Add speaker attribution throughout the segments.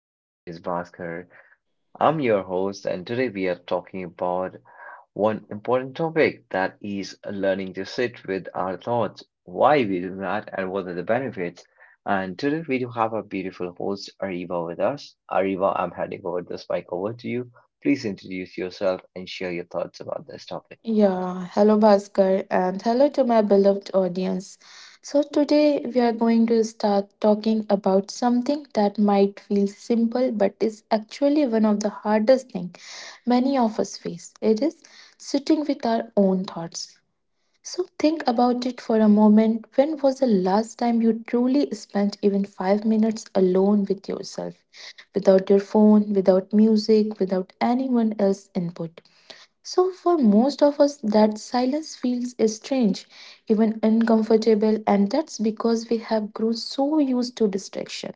Speaker 1: My name is Bhaskar. I'm your host, and today we are talking about one important topic, that is learning to sit with our thoughts, why we do that, and what are the benefits. And today we do have our beautiful host, Ariba, with us. Ariba, I'm handing over this mic over to you. Please introduce yourself and share your thoughts about this topic. Thank
Speaker 2: Yeah, hello Bhaskar and hello to my beloved audience. So, today we are going to start talking about something that might feel simple but is actually one of the hardest things many of us face. It is sitting with our own thoughts. So, think about it for a moment. When was the last time you truly spent even 5 minutes alone with yourself? Without your phone, without music, without anyone else's input? So, for most of us, that silence feels strange, even uncomfortable, and that's because we have grown so used to distraction.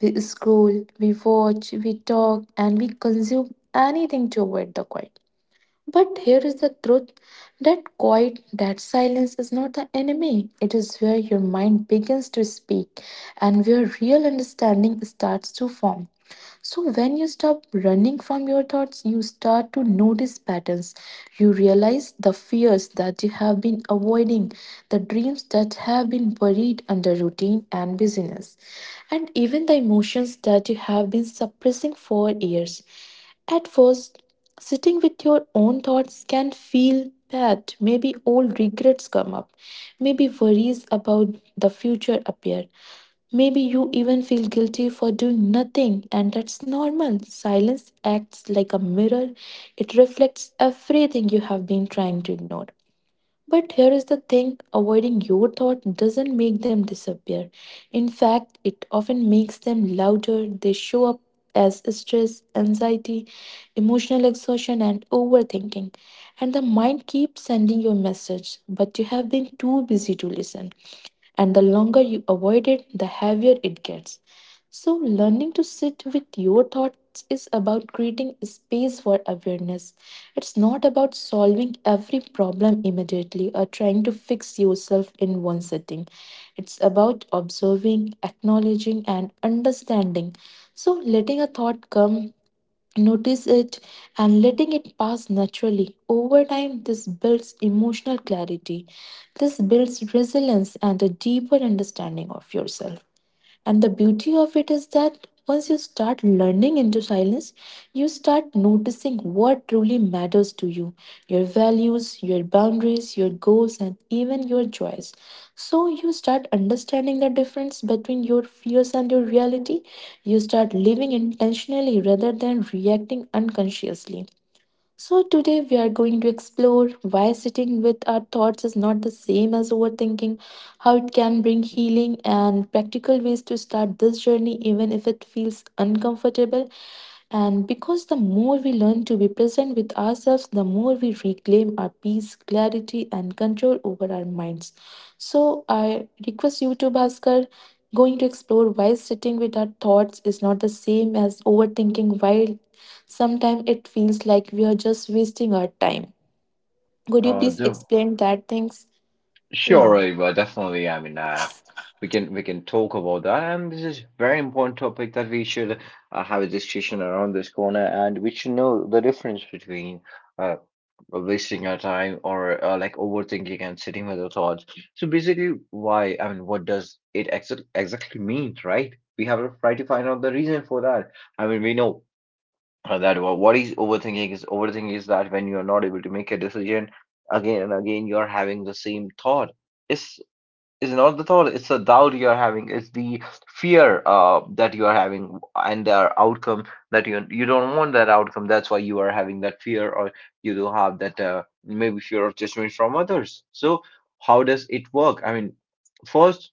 Speaker 2: We scroll, we watch, we talk, and we consume anything to avoid the quiet. But here is the truth that quiet, that silence is not the enemy. It is where your mind begins to speak and where real understanding starts to form. So, when you stop running from your thoughts, you start to notice patterns. You realize the fears that you have been avoiding, the dreams that have been buried under routine and busyness, and even the emotions that you have been suppressing for years. At first, sitting with your own thoughts can feel bad. Maybe old regrets come up. Maybe worries about the future appear. Maybe you even feel guilty for doing nothing, and that's normal. Silence acts like a mirror, it reflects everything you have been trying to ignore. But here is the thing avoiding your thought doesn't make them disappear. In fact, it often makes them louder. They show up as stress, anxiety, emotional exhaustion, and overthinking. And the mind keeps sending your message, but you have been too busy to listen. And the longer you avoid it, the heavier it gets. So, learning to sit with your thoughts is about creating space for awareness. It's not about solving every problem immediately or trying to fix yourself in one sitting. It's about observing, acknowledging, and understanding. So, letting a thought come, notice it, and letting it pass naturally. Over time, this builds emotional clarity, this builds resilience, and a deeper understanding of yourself. And the beauty of it is that once you start learning into silence, you start noticing what truly matters to you, your values, your boundaries, your goals, and even your joys. So you start understanding the difference between your fears and your reality. You start living intentionally rather than reacting unconsciously. So, today we are going to explore why sitting with our thoughts is not the same as overthinking, how it can bring healing, and practical ways to start this journey even if it feels uncomfortable. And because the more we learn to be present with ourselves, the more we reclaim our peace, clarity, and control over our minds. So, I request you to, Bhaskar, going to explore why sitting with our thoughts is not the same as overthinking while sometimes it feels like we are just wasting our time. Could
Speaker 1: you.
Speaker 2: you please
Speaker 1: Dev,
Speaker 2: explain that things?
Speaker 1: sure,
Speaker 2: Yeah.
Speaker 1: Ava, definitely. I mean, we can talk about that, and this is very important topic that we should have a discussion around this corner, and we should know the difference between uh, wasting our time or like overthinking and sitting with our thoughts. So basically, why? I mean, what does it exactly mean, right? We have to try to find out the reason for that. I mean, we know that what is overthinking. Is overthinking is that when you are not able to make a decision again and again, you are having the same thought. It's Is not the thought, it's the doubt you are having, it's the fear that you are having, and the outcome that you don't want that outcome, that's why you are having that fear, or you do have that maybe fear of judgment from others. So how does it work? I mean, first,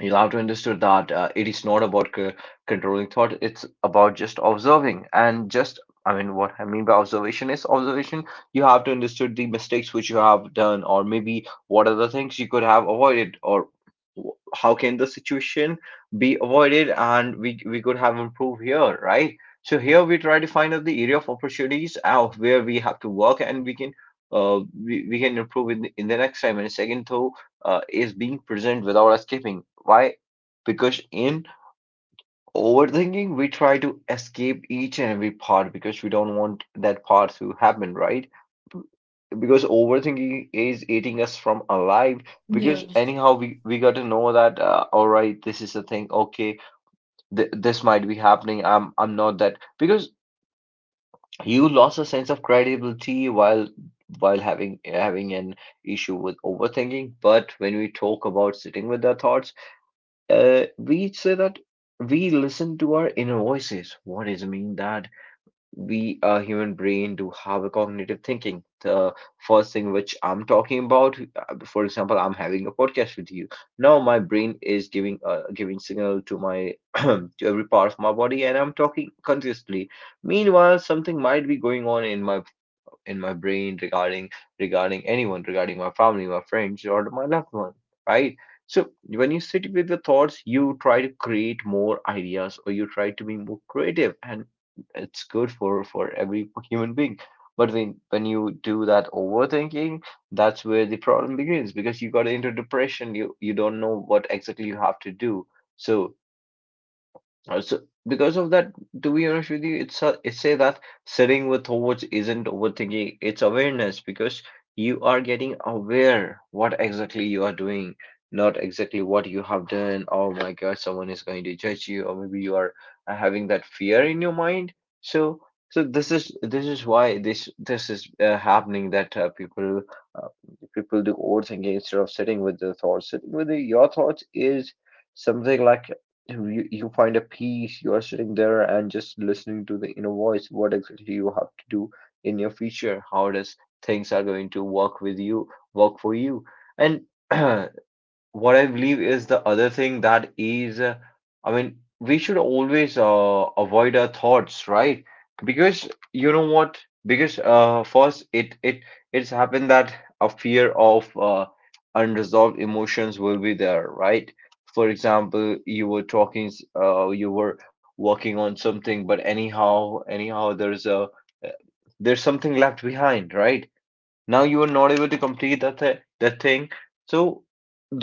Speaker 1: you'll have to understand that it is not about controlling thought. It's about just observing and just, I mean, what I mean by observation is observation. You have to understand the mistakes which you have done, or maybe what are the things you could have avoided, or how can the situation be avoided, and we could have improved here, right? So here we try to find out the area of opportunities out where we have to work, and we can we can improve in the next time. And second, though, is being present without escaping. Why? Because in overthinking, we try to escape each and every part because we don't want that part to happen, right? Because overthinking is eating us from alive.
Speaker 2: Yeah.
Speaker 1: Because anyhow, we got to know that, all right, this is the thing. Okay, this might be happening. I'm not that because you lost a sense of credibility while having an issue with overthinking. But when we talk about sitting with our thoughts, we say that we listen to our inner voices. What does it mean that we, a human brain, do have a cognitive thinking? The first thing which I'm talking about, for example, I'm having a podcast with you. Now my brain is giving giving signal to my to every part of my body, and I'm talking continuously. Meanwhile, something might be going on in my brain regarding anyone, regarding my family, my friends, or my loved one, right? So when you sit with the thoughts, you try to create more ideas, or you try to be more creative, and it's good for every human being. But when you do that overthinking, that's where the problem begins because you got into depression. You don't know what exactly you have to do. So, uh, So because of that, to be honest with you, it's say that sitting with thoughts isn't overthinking, it's awareness because you are getting aware what exactly you are doing, not exactly what you have done. Oh my God, someone is going to judge you, or maybe you are having that fear in your mind. So, this is this is why this is happening that people uh, people do overthinking instead of sitting with the thoughts. Sitting with your thoughts is something like you find a peace, you are sitting there and just listening to the inner voice, what exactly you have to do in your future, how does things are going to work with you, work for you, and what I believe is the other thing that is, I mean, we should always avoid our thoughts, right? Because you know what? Because first, it it's happened that a fear of unresolved emotions will be there, right? For example, you were talking, you were working on something, but anyhow, there's a there's something left behind, right? Now you are not able to complete that th that thing. So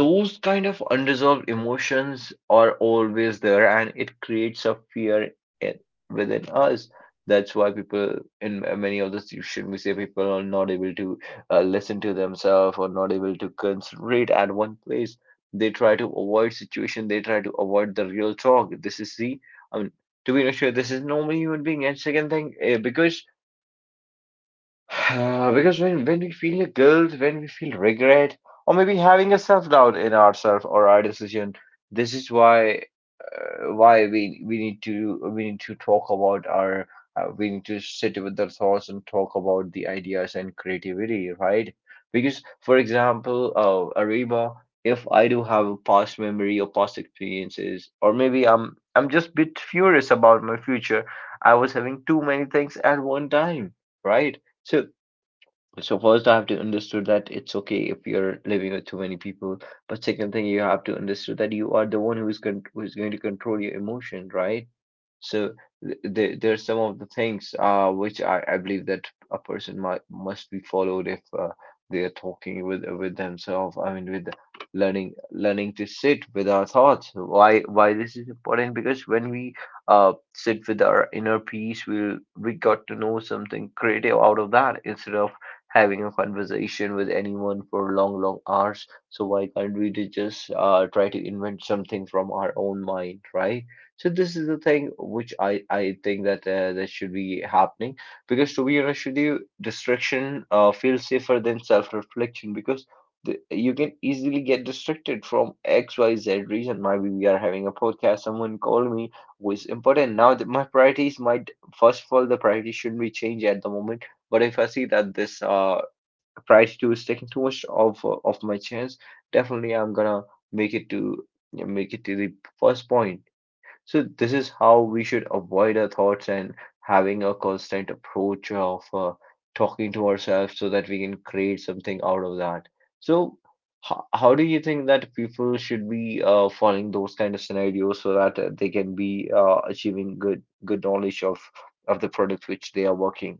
Speaker 1: those kind of unresolved emotions are always there, and it creates a fear in, within us. That's why people in many of the situations, we say people are not able to listen to themselves or not able to concentrate at one place. They try to avoid situation. They try to avoid the real talk. This is the, I mean, to be honest with you, this is normally human being. And second thing, because Because when we feel a guilt, when we feel regret, or maybe having a self-doubt in ourselves or our decision, this is why, we need to we need to talk about our we need to sit with the thoughts and talk about the ideas and creativity, right? Because for example, Ariba, if I do have a past memory or past experiences, or maybe I'm just a bit furious about my future, I was having too many things at one time, right? So, first, I have to understood that it's okay if you're living with too many people. But second thing, you have to understood that you are the one who is con who is going to control your emotion, right? So th there are some of the things which I believe that a person might must be followed if they are talking with themselves. I mean, with learning to sit with our thoughts. Why, this is important? Because when we uh sit with our inner peace, we got to know something creative out of that instead of having a conversation with anyone for long, long hours. So why can't we to just try to invent something from our own mind, right? So this is the thing which I think that that should be happening because to be honest with you, distraction feels safer than self-reflection because the, you can easily get distracted from X, Y, Z reason. Maybe we are having a podcast. Someone called me, was important. Now that my priorities might, first of all, the priorities shouldn't be changed at the moment, but if I see that this price two is taking too much of my chance, definitely I'm gonna make it to, yeah, make it to the first point. So this is how we should avoid our thoughts and having a constant approach of talking to ourselves so that we can create something out of that. So how, do you think that people should be following those kind of scenarios so that they can be achieving good knowledge of the product which they are working?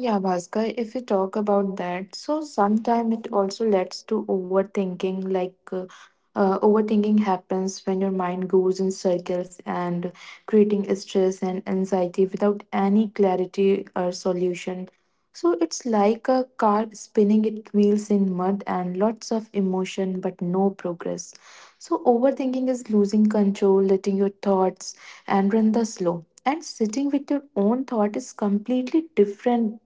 Speaker 2: Yeah, Bhaskar, if we talk about that, so sometimes it also leads to overthinking. Overthinking happens when your mind goes in circles and creating stress and anxiety without any clarity or solution. So it's like a car spinning its wheels in mud and lots of emotion but no progress. So overthinking is losing control, letting your thoughts and run the slow, and sitting with your own thought is completely different.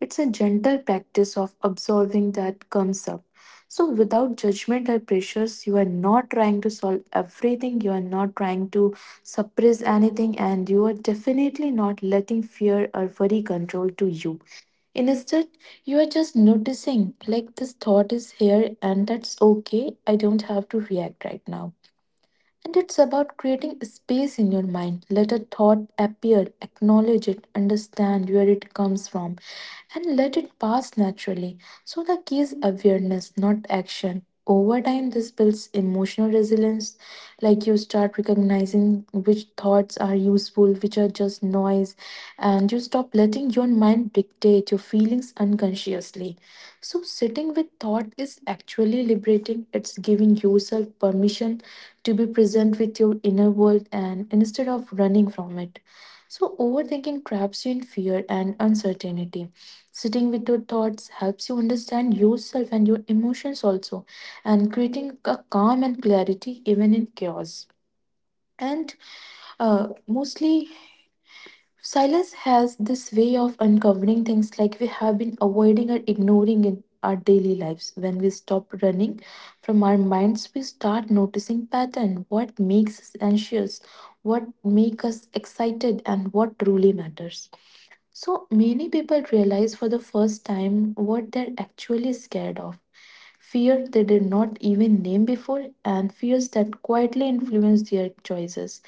Speaker 2: It's a gentle practice of absorbing that comes up. So, without judgment or pressures, you are not trying to solve everything, you are not trying to suppress anything, and you are definitely not letting fear or worry control to you. Instead, you are just noticing like this thought is here, and that's okay. I don't have to react right now. And it's about creating space in your mind. Let a thought appear, acknowledge it, understand where it comes from, and let it pass naturally. So, the key is awareness, not action. Over time, this builds emotional resilience. Like you start recognizing which thoughts are useful, which are just noise, and you stop letting your mind dictate your feelings unconsciously. So, sitting with thought is actually liberating, it's giving yourself permission to be present with your inner world and instead of running from it. So, overthinking traps you in fear and uncertainty. Sitting with your thoughts helps you understand yourself and your emotions also, and creating a calm and clarity even in chaos. And mostly silence has this way of uncovering things like we have been avoiding or ignoring in our daily lives. When we stop running from our minds, we start noticing pattern, what makes us anxious, what makes us excited, and what truly matters. So many people realize for the first time what they're actually scared of. Fear they did not even name before, and fears that quietly influence their choices.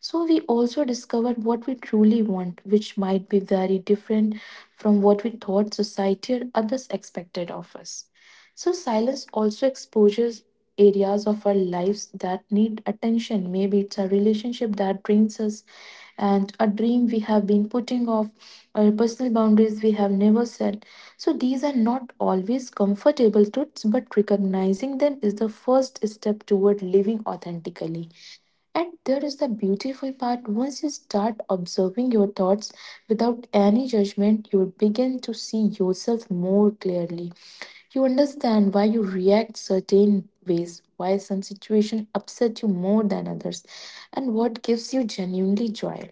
Speaker 2: So we also discover what we truly want, which might be very different from what we thought society or others expected of us. So silence also exposes areas of our lives that need attention. Maybe it's a relationship that drains us, and a dream we have been putting off, or personal boundaries we have never set. So, these are not always comfortable truths, but recognizing them is the first step toward living authentically. And there is the beautiful part, once you start observing your thoughts without any judgment, you begin to see yourself more clearly. You understand why you react certain ways, why some situation upset you more than others, and what gives you genuinely joy.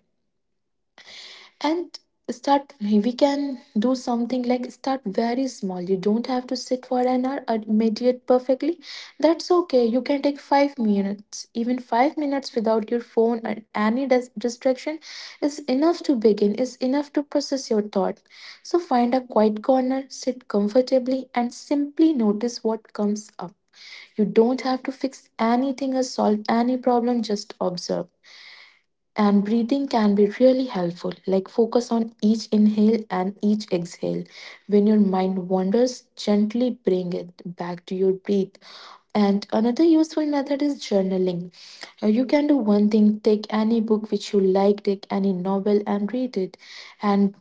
Speaker 2: And start, we can do something like start very small. You don't have to sit for an hour or meditate perfectly. That's okay. You can take 5 minutes, even 5 minutes without your phone or any distraction is enough to begin, is enough to process your thought. So find a quiet corner, sit comfortably, and simply notice what comes up. You don't have to fix anything or solve any problem, just observe. And breathing can be really helpful. Like focus on each inhale and each exhale. When your mind wanders, gently bring it back to your breath. And another useful method is journaling. You can do one thing, take any book which you like, take any novel and read it. And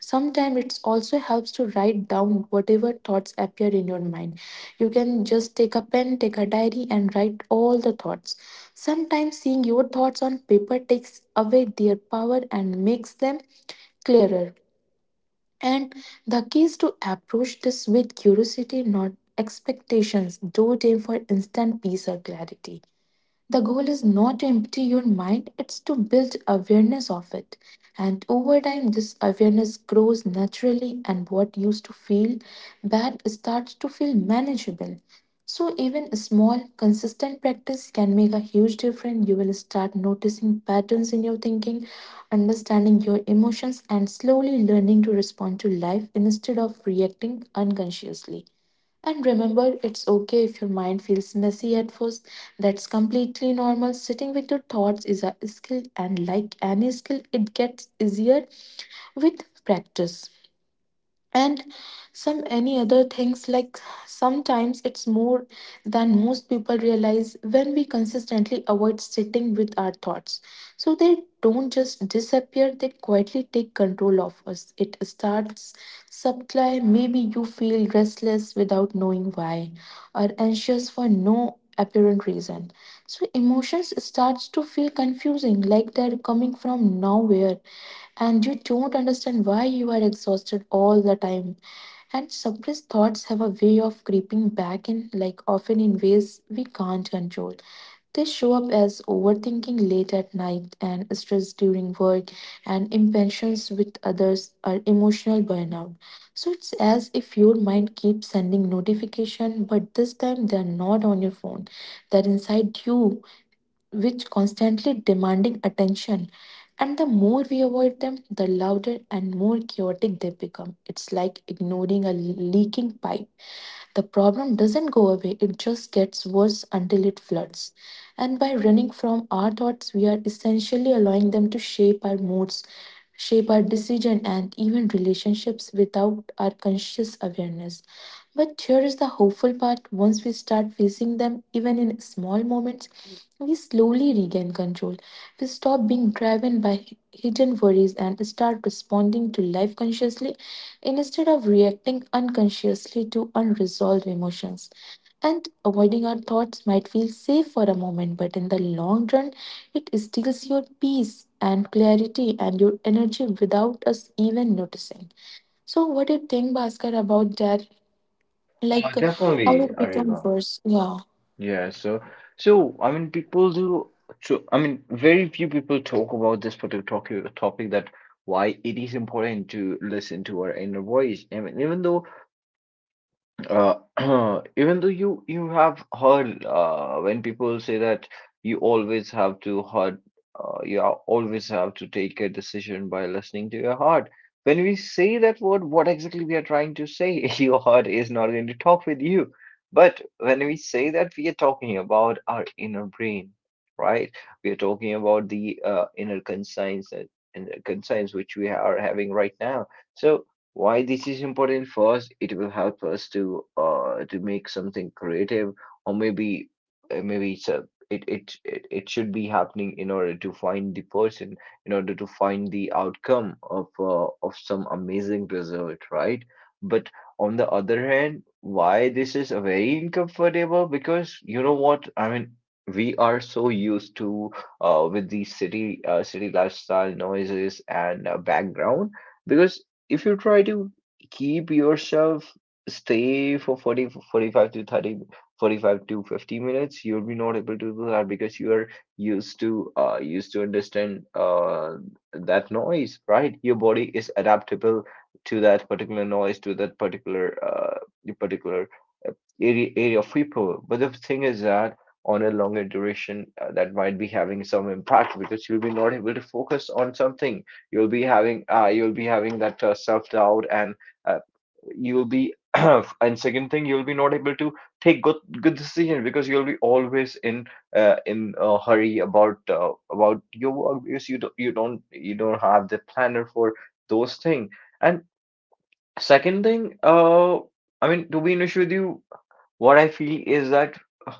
Speaker 2: sometimes it also helps to write down whatever thoughts appear in your mind. You can just take a pen, take a diary, and write all the thoughts. Sometimes seeing your thoughts on paper takes away their power and makes them clearer. And the key is to approach this with curiosity, not expectations. Don't aim for instant peace or clarity. The goal is not to empty your mind, it's to build awareness of it. And over time, this awareness grows naturally, and what used to feel bad starts to feel manageable. So, even a small, consistent practice can make a huge difference. You will start noticing patterns in your thinking, understanding your emotions, and slowly learning to respond to life instead of reacting unconsciously. And remember, it's okay if your mind feels messy at first. That's completely normal. Sitting with your thoughts is a skill, and like any skill, it gets easier with practice. And some any other things like sometimes it's more than most people realize. When we consistently avoid sitting with our thoughts, so they don't just disappear, they quietly take control of us. It starts subtly, maybe you feel restless without knowing why or anxious for no apparent reason. So emotions starts to feel confusing, like they're coming from nowhere and you don't understand why you are exhausted all the time. And suppressed thoughts have a way of creeping back in, like often in ways we can't control. They show up as overthinking late at night and stress during work and impatience with others or emotional burnout. So it's as if your mind keeps sending notification, but this time they are not on your phone. They're inside you, which constantly demanding attention. And the more we avoid them, the louder and more chaotic they become. It's like ignoring a leaking pipe, the problem doesn't go away, it just gets worse until it floods. And by running from our thoughts, we are essentially allowing them to shape our moods, shape our decision, and even relationships without our conscious awareness. But here is the hopeful part, once we start facing them even in small moments, we slowly regain control. We stop being driven by hidden worries and start responding to life consciously instead of reacting unconsciously to unresolved emotions. And avoiding our thoughts might feel safe for a moment, but in the long run, it steals your peace and clarity and your energy without us even noticing. So, what do you think, Bhaskar, about that? Like, how
Speaker 1: Definitely,
Speaker 2: it become
Speaker 1: Ariba.
Speaker 2: worse? Yeah,
Speaker 1: Yeah, so, I mean people do, I mean very few people talk about this particular topic that why it is important to listen to our inner voice. I mean, even though, uh, even though you have heard when people say that you always have to heart, you are- always have to take a decision by listening to your heart. When we say that word, what exactly we are trying to say? Your heart is not going to talk with you. But when we say that, we are talking about our inner brain, right? We are talking about the inner conscience which we are having right now. So why this is important? First, it will help us to make something creative, or maybe, maybe it's a it, it it it should be happening in order to find the person, in order to find the outcome of some amazing result, right? But on the other hand, why this is a very uncomfortable, because you know what I mean, we are so used to, with the city lifestyle, noises and background, because if you try to keep yourself stay for 40, 45 to 30, 45 to 50 minutes, you'll be not able to do that because you are used to understand that noise, right? Your body is adaptable to that particular noise, to that particular, the particular uh, area of people. But the thing is that on a longer duration, that might be having some impact, because you'll be not able to focus on something, you'll be having that, self doubt, and uh, you'll be and second thing, you'll be not able to take good decisions because you'll be always in a hurry about your work, because you don't have the planner for those things. And second thing, I mean, to be honest with you, what I feel is that, uh,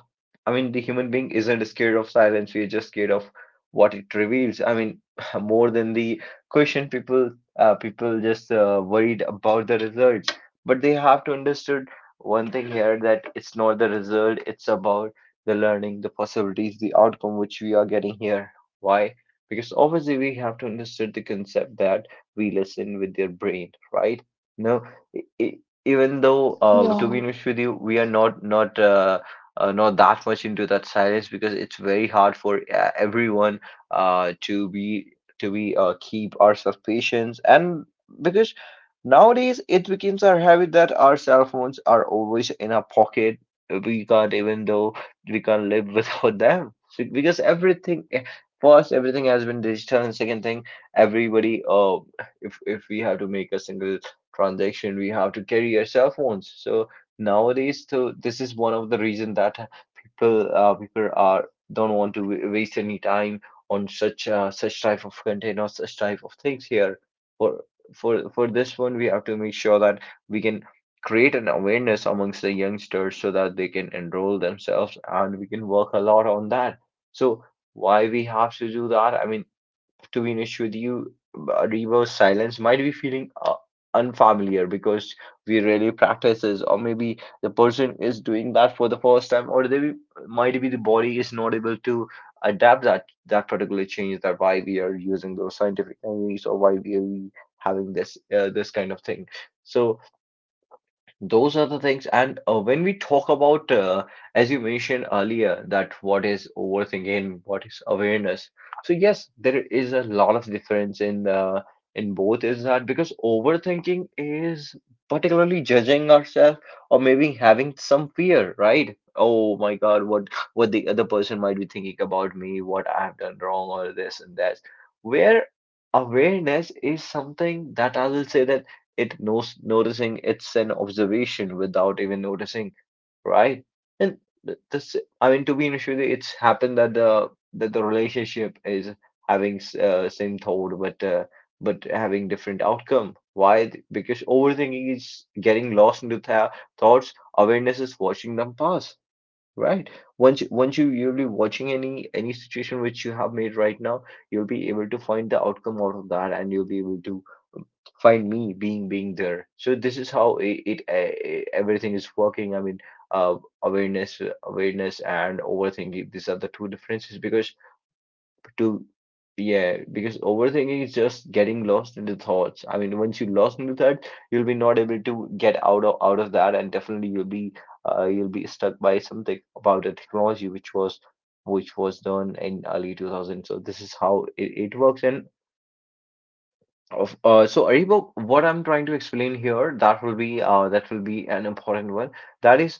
Speaker 1: I mean, the human being isn't scared of silence. We're just scared of what it reveals. I mean, more than the question, people just, worried about the results. But they have to understood one thing here, that it's not the result, it's about the learning, the possibilities, the outcome which we are getting here. Why? Because obviously we have to understand the concept that we listen with their brain, right? No, even though, to
Speaker 2: yeah.
Speaker 1: be honest with you, we are not not that much into that silence, because it's very hard for, everyone, to be, keep ourselves patience, and because nowadays it becomes our habit that our cell phones are always in our pocket. We can't even though we can't live without them, so, because everything, first, everything has been digital, and second thing, everybody, if we have to make a single transaction, we have to carry our cell phones. So nowadays, so this is one of the reason that people are, don't want to waste any time on such type of content or such type of things here. For for for this one, we have to make sure that we can create an awareness amongst the youngsters so that they can enroll themselves, and we can work a lot on that. So why we have to do that? I mean, to be honest with you, reverse silence might be feeling, unfamiliar, because we rarely practice this, or maybe the person is doing that for the first time, or they might be, the body is not able to adapt that, that particular change. That why we are using those scientific techniques, or why we are having this kind of thing. So those are the things. And when we talk about, as you mentioned earlier, that what is overthinking, what is awareness? So yes, there is a lot of difference in both is that, because overthinking is particularly judging ourselves, or maybe having some fear. Right? Oh my god, what the other person might be thinking about me, what I have done wrong, or this and that. Where awareness is something, that I will say that it knows noticing, it's an observation without even noticing, right? And this, I mean, to be honest with you, it's happened that the relationship is having, same thought, but having different outcome. Why? Because overthinking is getting lost into th thoughts. Awareness is watching them pass, right? Once you'll be watching any situation which you have made right now, you'll be able to find the outcome out of that, and you'll be able to find me being there. So this is how it, it everything is working. I mean, uh, awareness and overthinking, these are the two differences, because to, yeah, because overthinking is just getting lost in the thoughts. I mean, once you lost into that, you'll be not able to get out of that, and definitely you'll be, you'll be stuck by something about the technology which was done in early 2000. So this is how it works. And of so Aribo, what I'm trying to explain here, that will be, an important one. That is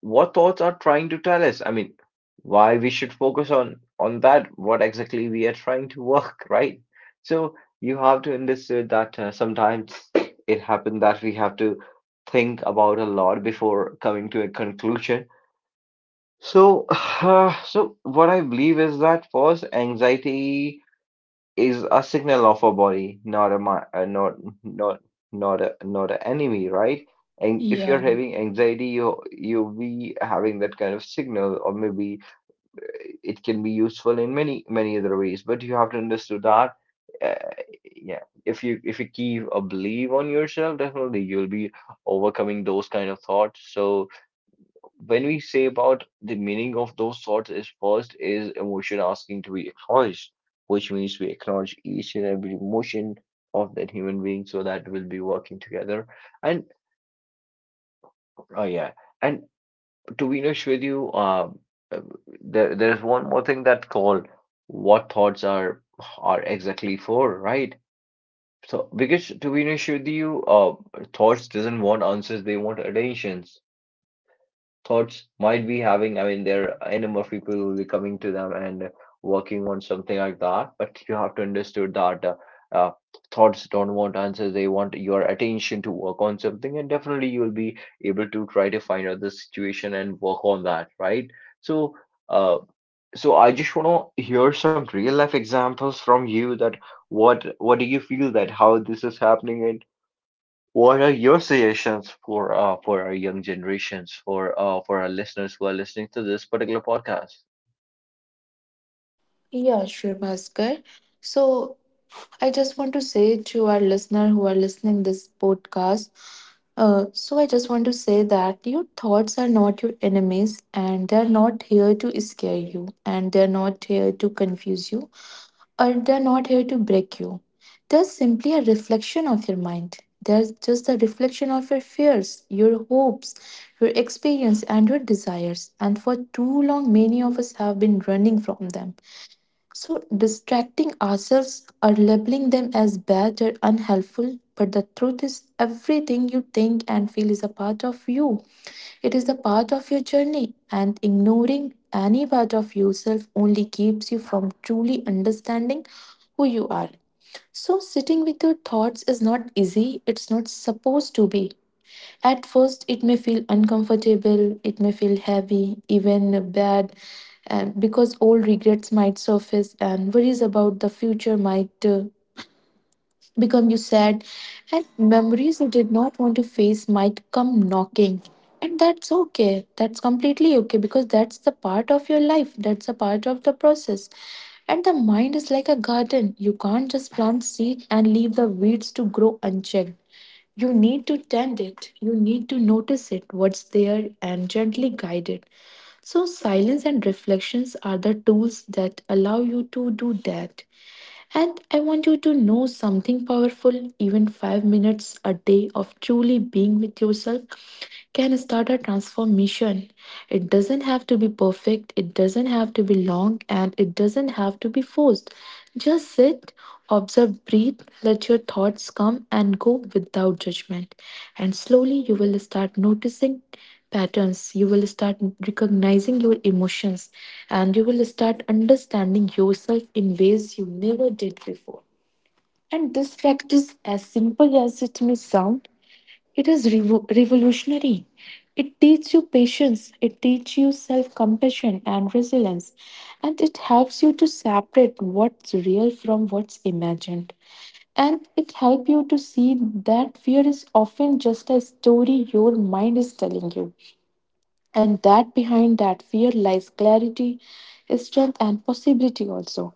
Speaker 1: what thoughts are trying to tell us. I mean, why we should focus on that, what exactly we are trying to work, right? So you have to understand that, sometimes it happens that we have to think about a lot before coming to a conclusion. So, so what I believe is that, first, anxiety is a signal of a body, not a mi- not not not a not an enemy, right? And if you're
Speaker 2: Yeah,
Speaker 1: having anxiety, you'll be having that kind of signal, or maybe, it can be useful in many other ways. But you have to understand that, uh, yeah, if you keep a belief on yourself, definitely you'll be overcoming those kind of thoughts. So when we say about the meaning of those thoughts, is, first is emotion asking to be acknowledged, which means we acknowledge each and every emotion of that human being, so that we'll be working together. And oh yeah, and to be honest with you, uh, there is one more thing, that called, what thoughts are exactly for, right? So because, to be honest with you, thoughts doesn't want answers, they want attentions. Thoughts might be having, I mean, there are a number of people will be coming to them and working on something like that. But you have to understood that, uh, thoughts don't want answers, they want your attention to work on something, and definitely you will be able to try to find out the situation and work on that, right? So, uh, so I just want to hear some real life examples from you, that what do you feel, that how this is happening, what are your suggestions for, for our young generations, for, for our listeners who are listening to this particular podcast?
Speaker 2: yeah, sure, Bhaskar. So I just want to say to our listener who are listening this podcast, so I just want to say that your thoughts are not your enemies, and they're not here to scare you, and they're not here to confuse you, or they're not here to break you. They're simply reflection of your mind. They're just a reflection of your fears, your hopes, your experience, and your desires. And for too long, many of us have been running from them. So, distracting ourselves or labeling them as bad or unhelpful, but the truth is, everything you think and feel is a part of you. It is a part of your journey, and ignoring any part of yourself only keeps you from truly understanding who you are. So, sitting with your thoughts is not easy, it's not supposed to be. At first, it may feel uncomfortable, it may feel heavy, even bad, and because old regrets might surface and worries about the future might become you sad, and memories you did not want to face might come knocking. And that's okay, that's completely okay because that's the part of your life, that's a part of the process. And the mind is like a garden, you can't just plant seed and leave the weeds to grow unchecked. You need to tend it, you need to notice it, what's there, and gently guide it. So, silence and reflections are the tools that allow you to do that. And I want you to know something powerful. Even 5 minutes a day of truly being with yourself can start a transformation. It doesn't have to be perfect, it doesn't have to be long, and it doesn't have to be forced. Just sit, observe, breathe, let your thoughts come and go without judgment. And slowly you will start noticing patterns, you will start recognizing your emotions, and you will start understanding yourself in ways you never did before. And this practice, as simple as it may sound, it is revolutionary. It teaches you patience, it teaches you self-compassion and resilience, and it helps you to separate what's real from what's imagined, and it helps you to see that fear is often just a story your mind is telling you, and that behind that fear lies clarity, strength, and possibility also.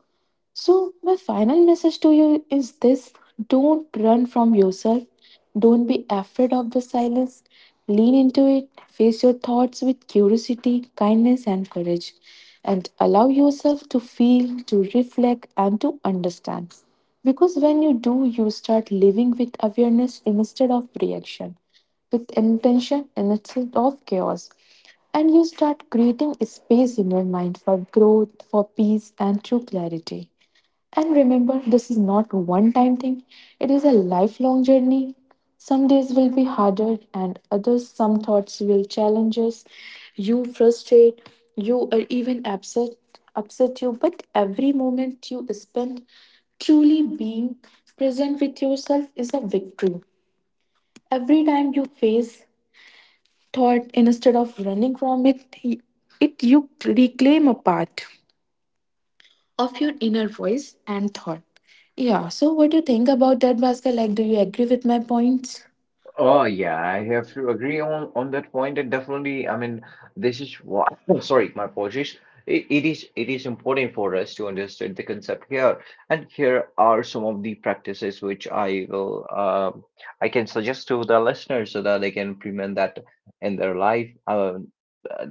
Speaker 2: So, my final message to you is this: don't run from yourself, don't be afraid of the silence. Lean into it, face your thoughts with curiosity, kindness, and courage, and allow yourself to feel, to reflect, and to understand. Because when you do, you start living with awareness instead of reaction, with intention instead of chaos. And you start creating space in your mind for growth, for peace, and true clarity. And remember, this is not one time thing, it is a lifelong journey. Some days will be harder, and others, some thoughts will challenge us. You frustrate, you are even upset, upset you, but every moment you spend truly being present with yourself is a victory. Every time you face thought instead of running from it, it you reclaim a part of your inner voice and thought. Yeah, so what do you think about that, Bhaskar? Like, do you agree with my points?
Speaker 1: Oh yeah, I have to agree on that point, and definitely, I mean, this is what sorry, my apologies. It is important for us to understand the concept here. And here are some of the practices which I can suggest to the listeners, so that they can implement that in their life.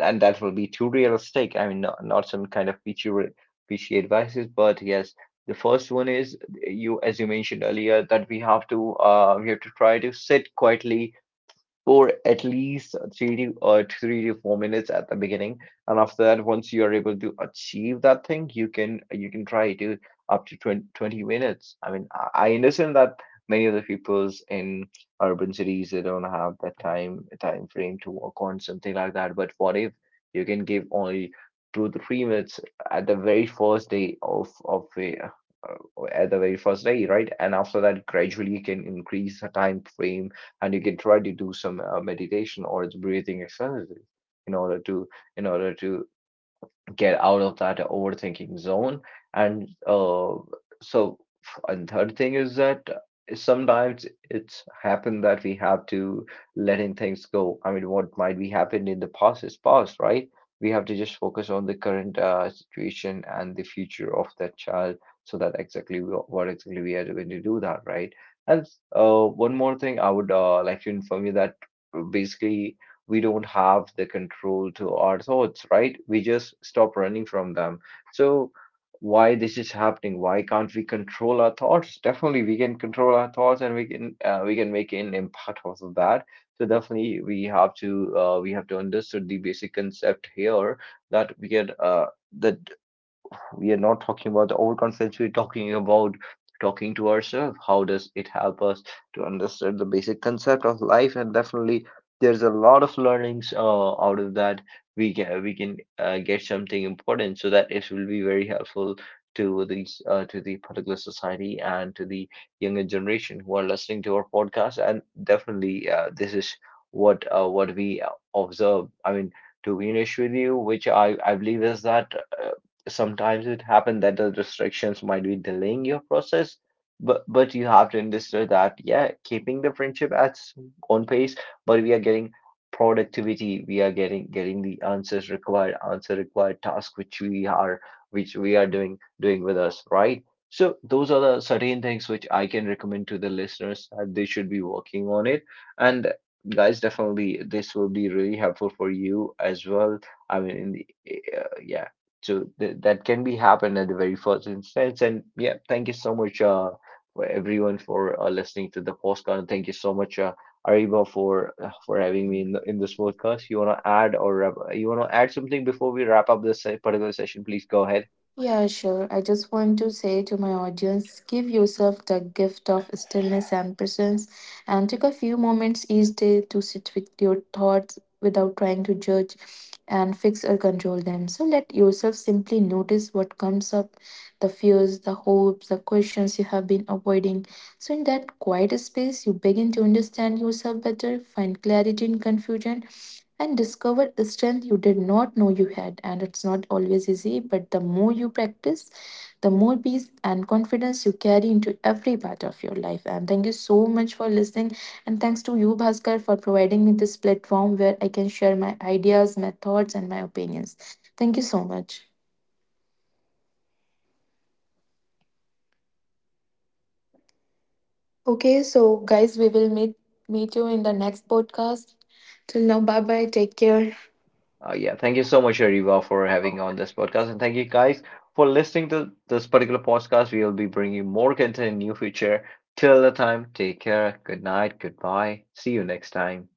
Speaker 1: And that will be too realistic, I mean, not, not some kind of peachy peachy advices, but yes, the first one is, you, as you mentioned earlier, that we have to try to sit quietly for at least 3 to 4 minutes at the beginning, and after that, once you are able to achieve that thing, you can try to up to 20 20 minutes. I mean, I understand that many of the peoples in urban cities, they don't have that time frame to work on something like that. But what if you can give only 2 to 3 minutes at the very first day, of a at the very first day, right? And after that, gradually you can increase the time frame, and you can try to do some, meditation or the breathing exercises, in order to, in order to get out of that overthinking zone. And, so, and third thing is that sometimes it's happened that we have to, letting things go. I mean, what might be happened in the past is past, right? We have to just focus on the current, situation and the future of that child, so that exactly we, what exactly we are going to do that, right? And, one more thing, I would, like to inform you that, basically we don't have the control to our thoughts, right? We just stop running from them. So why this is happening? Why can't we control our thoughts? Definitely, we can control our thoughts, and we can make an impact off of that. So definitely, we have to understand the basic concept here, that we can that we are not talking about the old concepts, we're talking about talking to ourselves. How does it help us to understand the basic concept of life? And definitely, there's a lot of learnings, out of that. We can get something important, so that it will be very helpful to the particular society, and to the younger generation who are listening to our podcast. And definitely, this is what, what we observe. I mean, to be honest with you, which I believe is that, sometimes it happens that the restrictions might be delaying your process, but you have to understand that, yeah, keeping the friendship at on pace, but we are getting productivity, we are getting the answers required, answer required task which we are doing with us, right? So those are the certain things which I can recommend to the listeners, that they should be working on it. And guys, definitely this will be really helpful for you as well. I mean, in the, yeah. So th that can be happened at the very first instance. And yeah, thank you so much, for everyone, for listening to the podcast. And thank you so much, Ariba, for having me in this podcast. You wanna add or wrap, you wanna add something before we wrap up this, particular session? Please go ahead.
Speaker 2: Yeah, sure. I just want to say to my audience, give yourself the gift of stillness and presence and take a few moments each day to sit with your thoughts without trying to judge and fix or control them. So let yourself simply notice what comes up: the fears, the hopes, the questions you have been avoiding. So, in that quiet space, you begin to understand yourself better, find clarity in confusion, and discover a strength you did not know you had. And it's not always easy, but the more you practice, the more peace and confidence you carry into every part of your life. And thank you so much for listening. And thanks to you, Bhaskar, for providing me this platform where I can share my ideas, my thoughts, and my opinions. Thank you so much. Okay, so guys, we will meet you in the next podcast. Till now, bye bye. Take care.
Speaker 1: Yeah, thank you so much, Ariba, for having on this podcast, and thank you guys for listening to this, particular podcast. We will be bringing more content in near future. Till the time, take care. Good night. Goodbye. See you next time.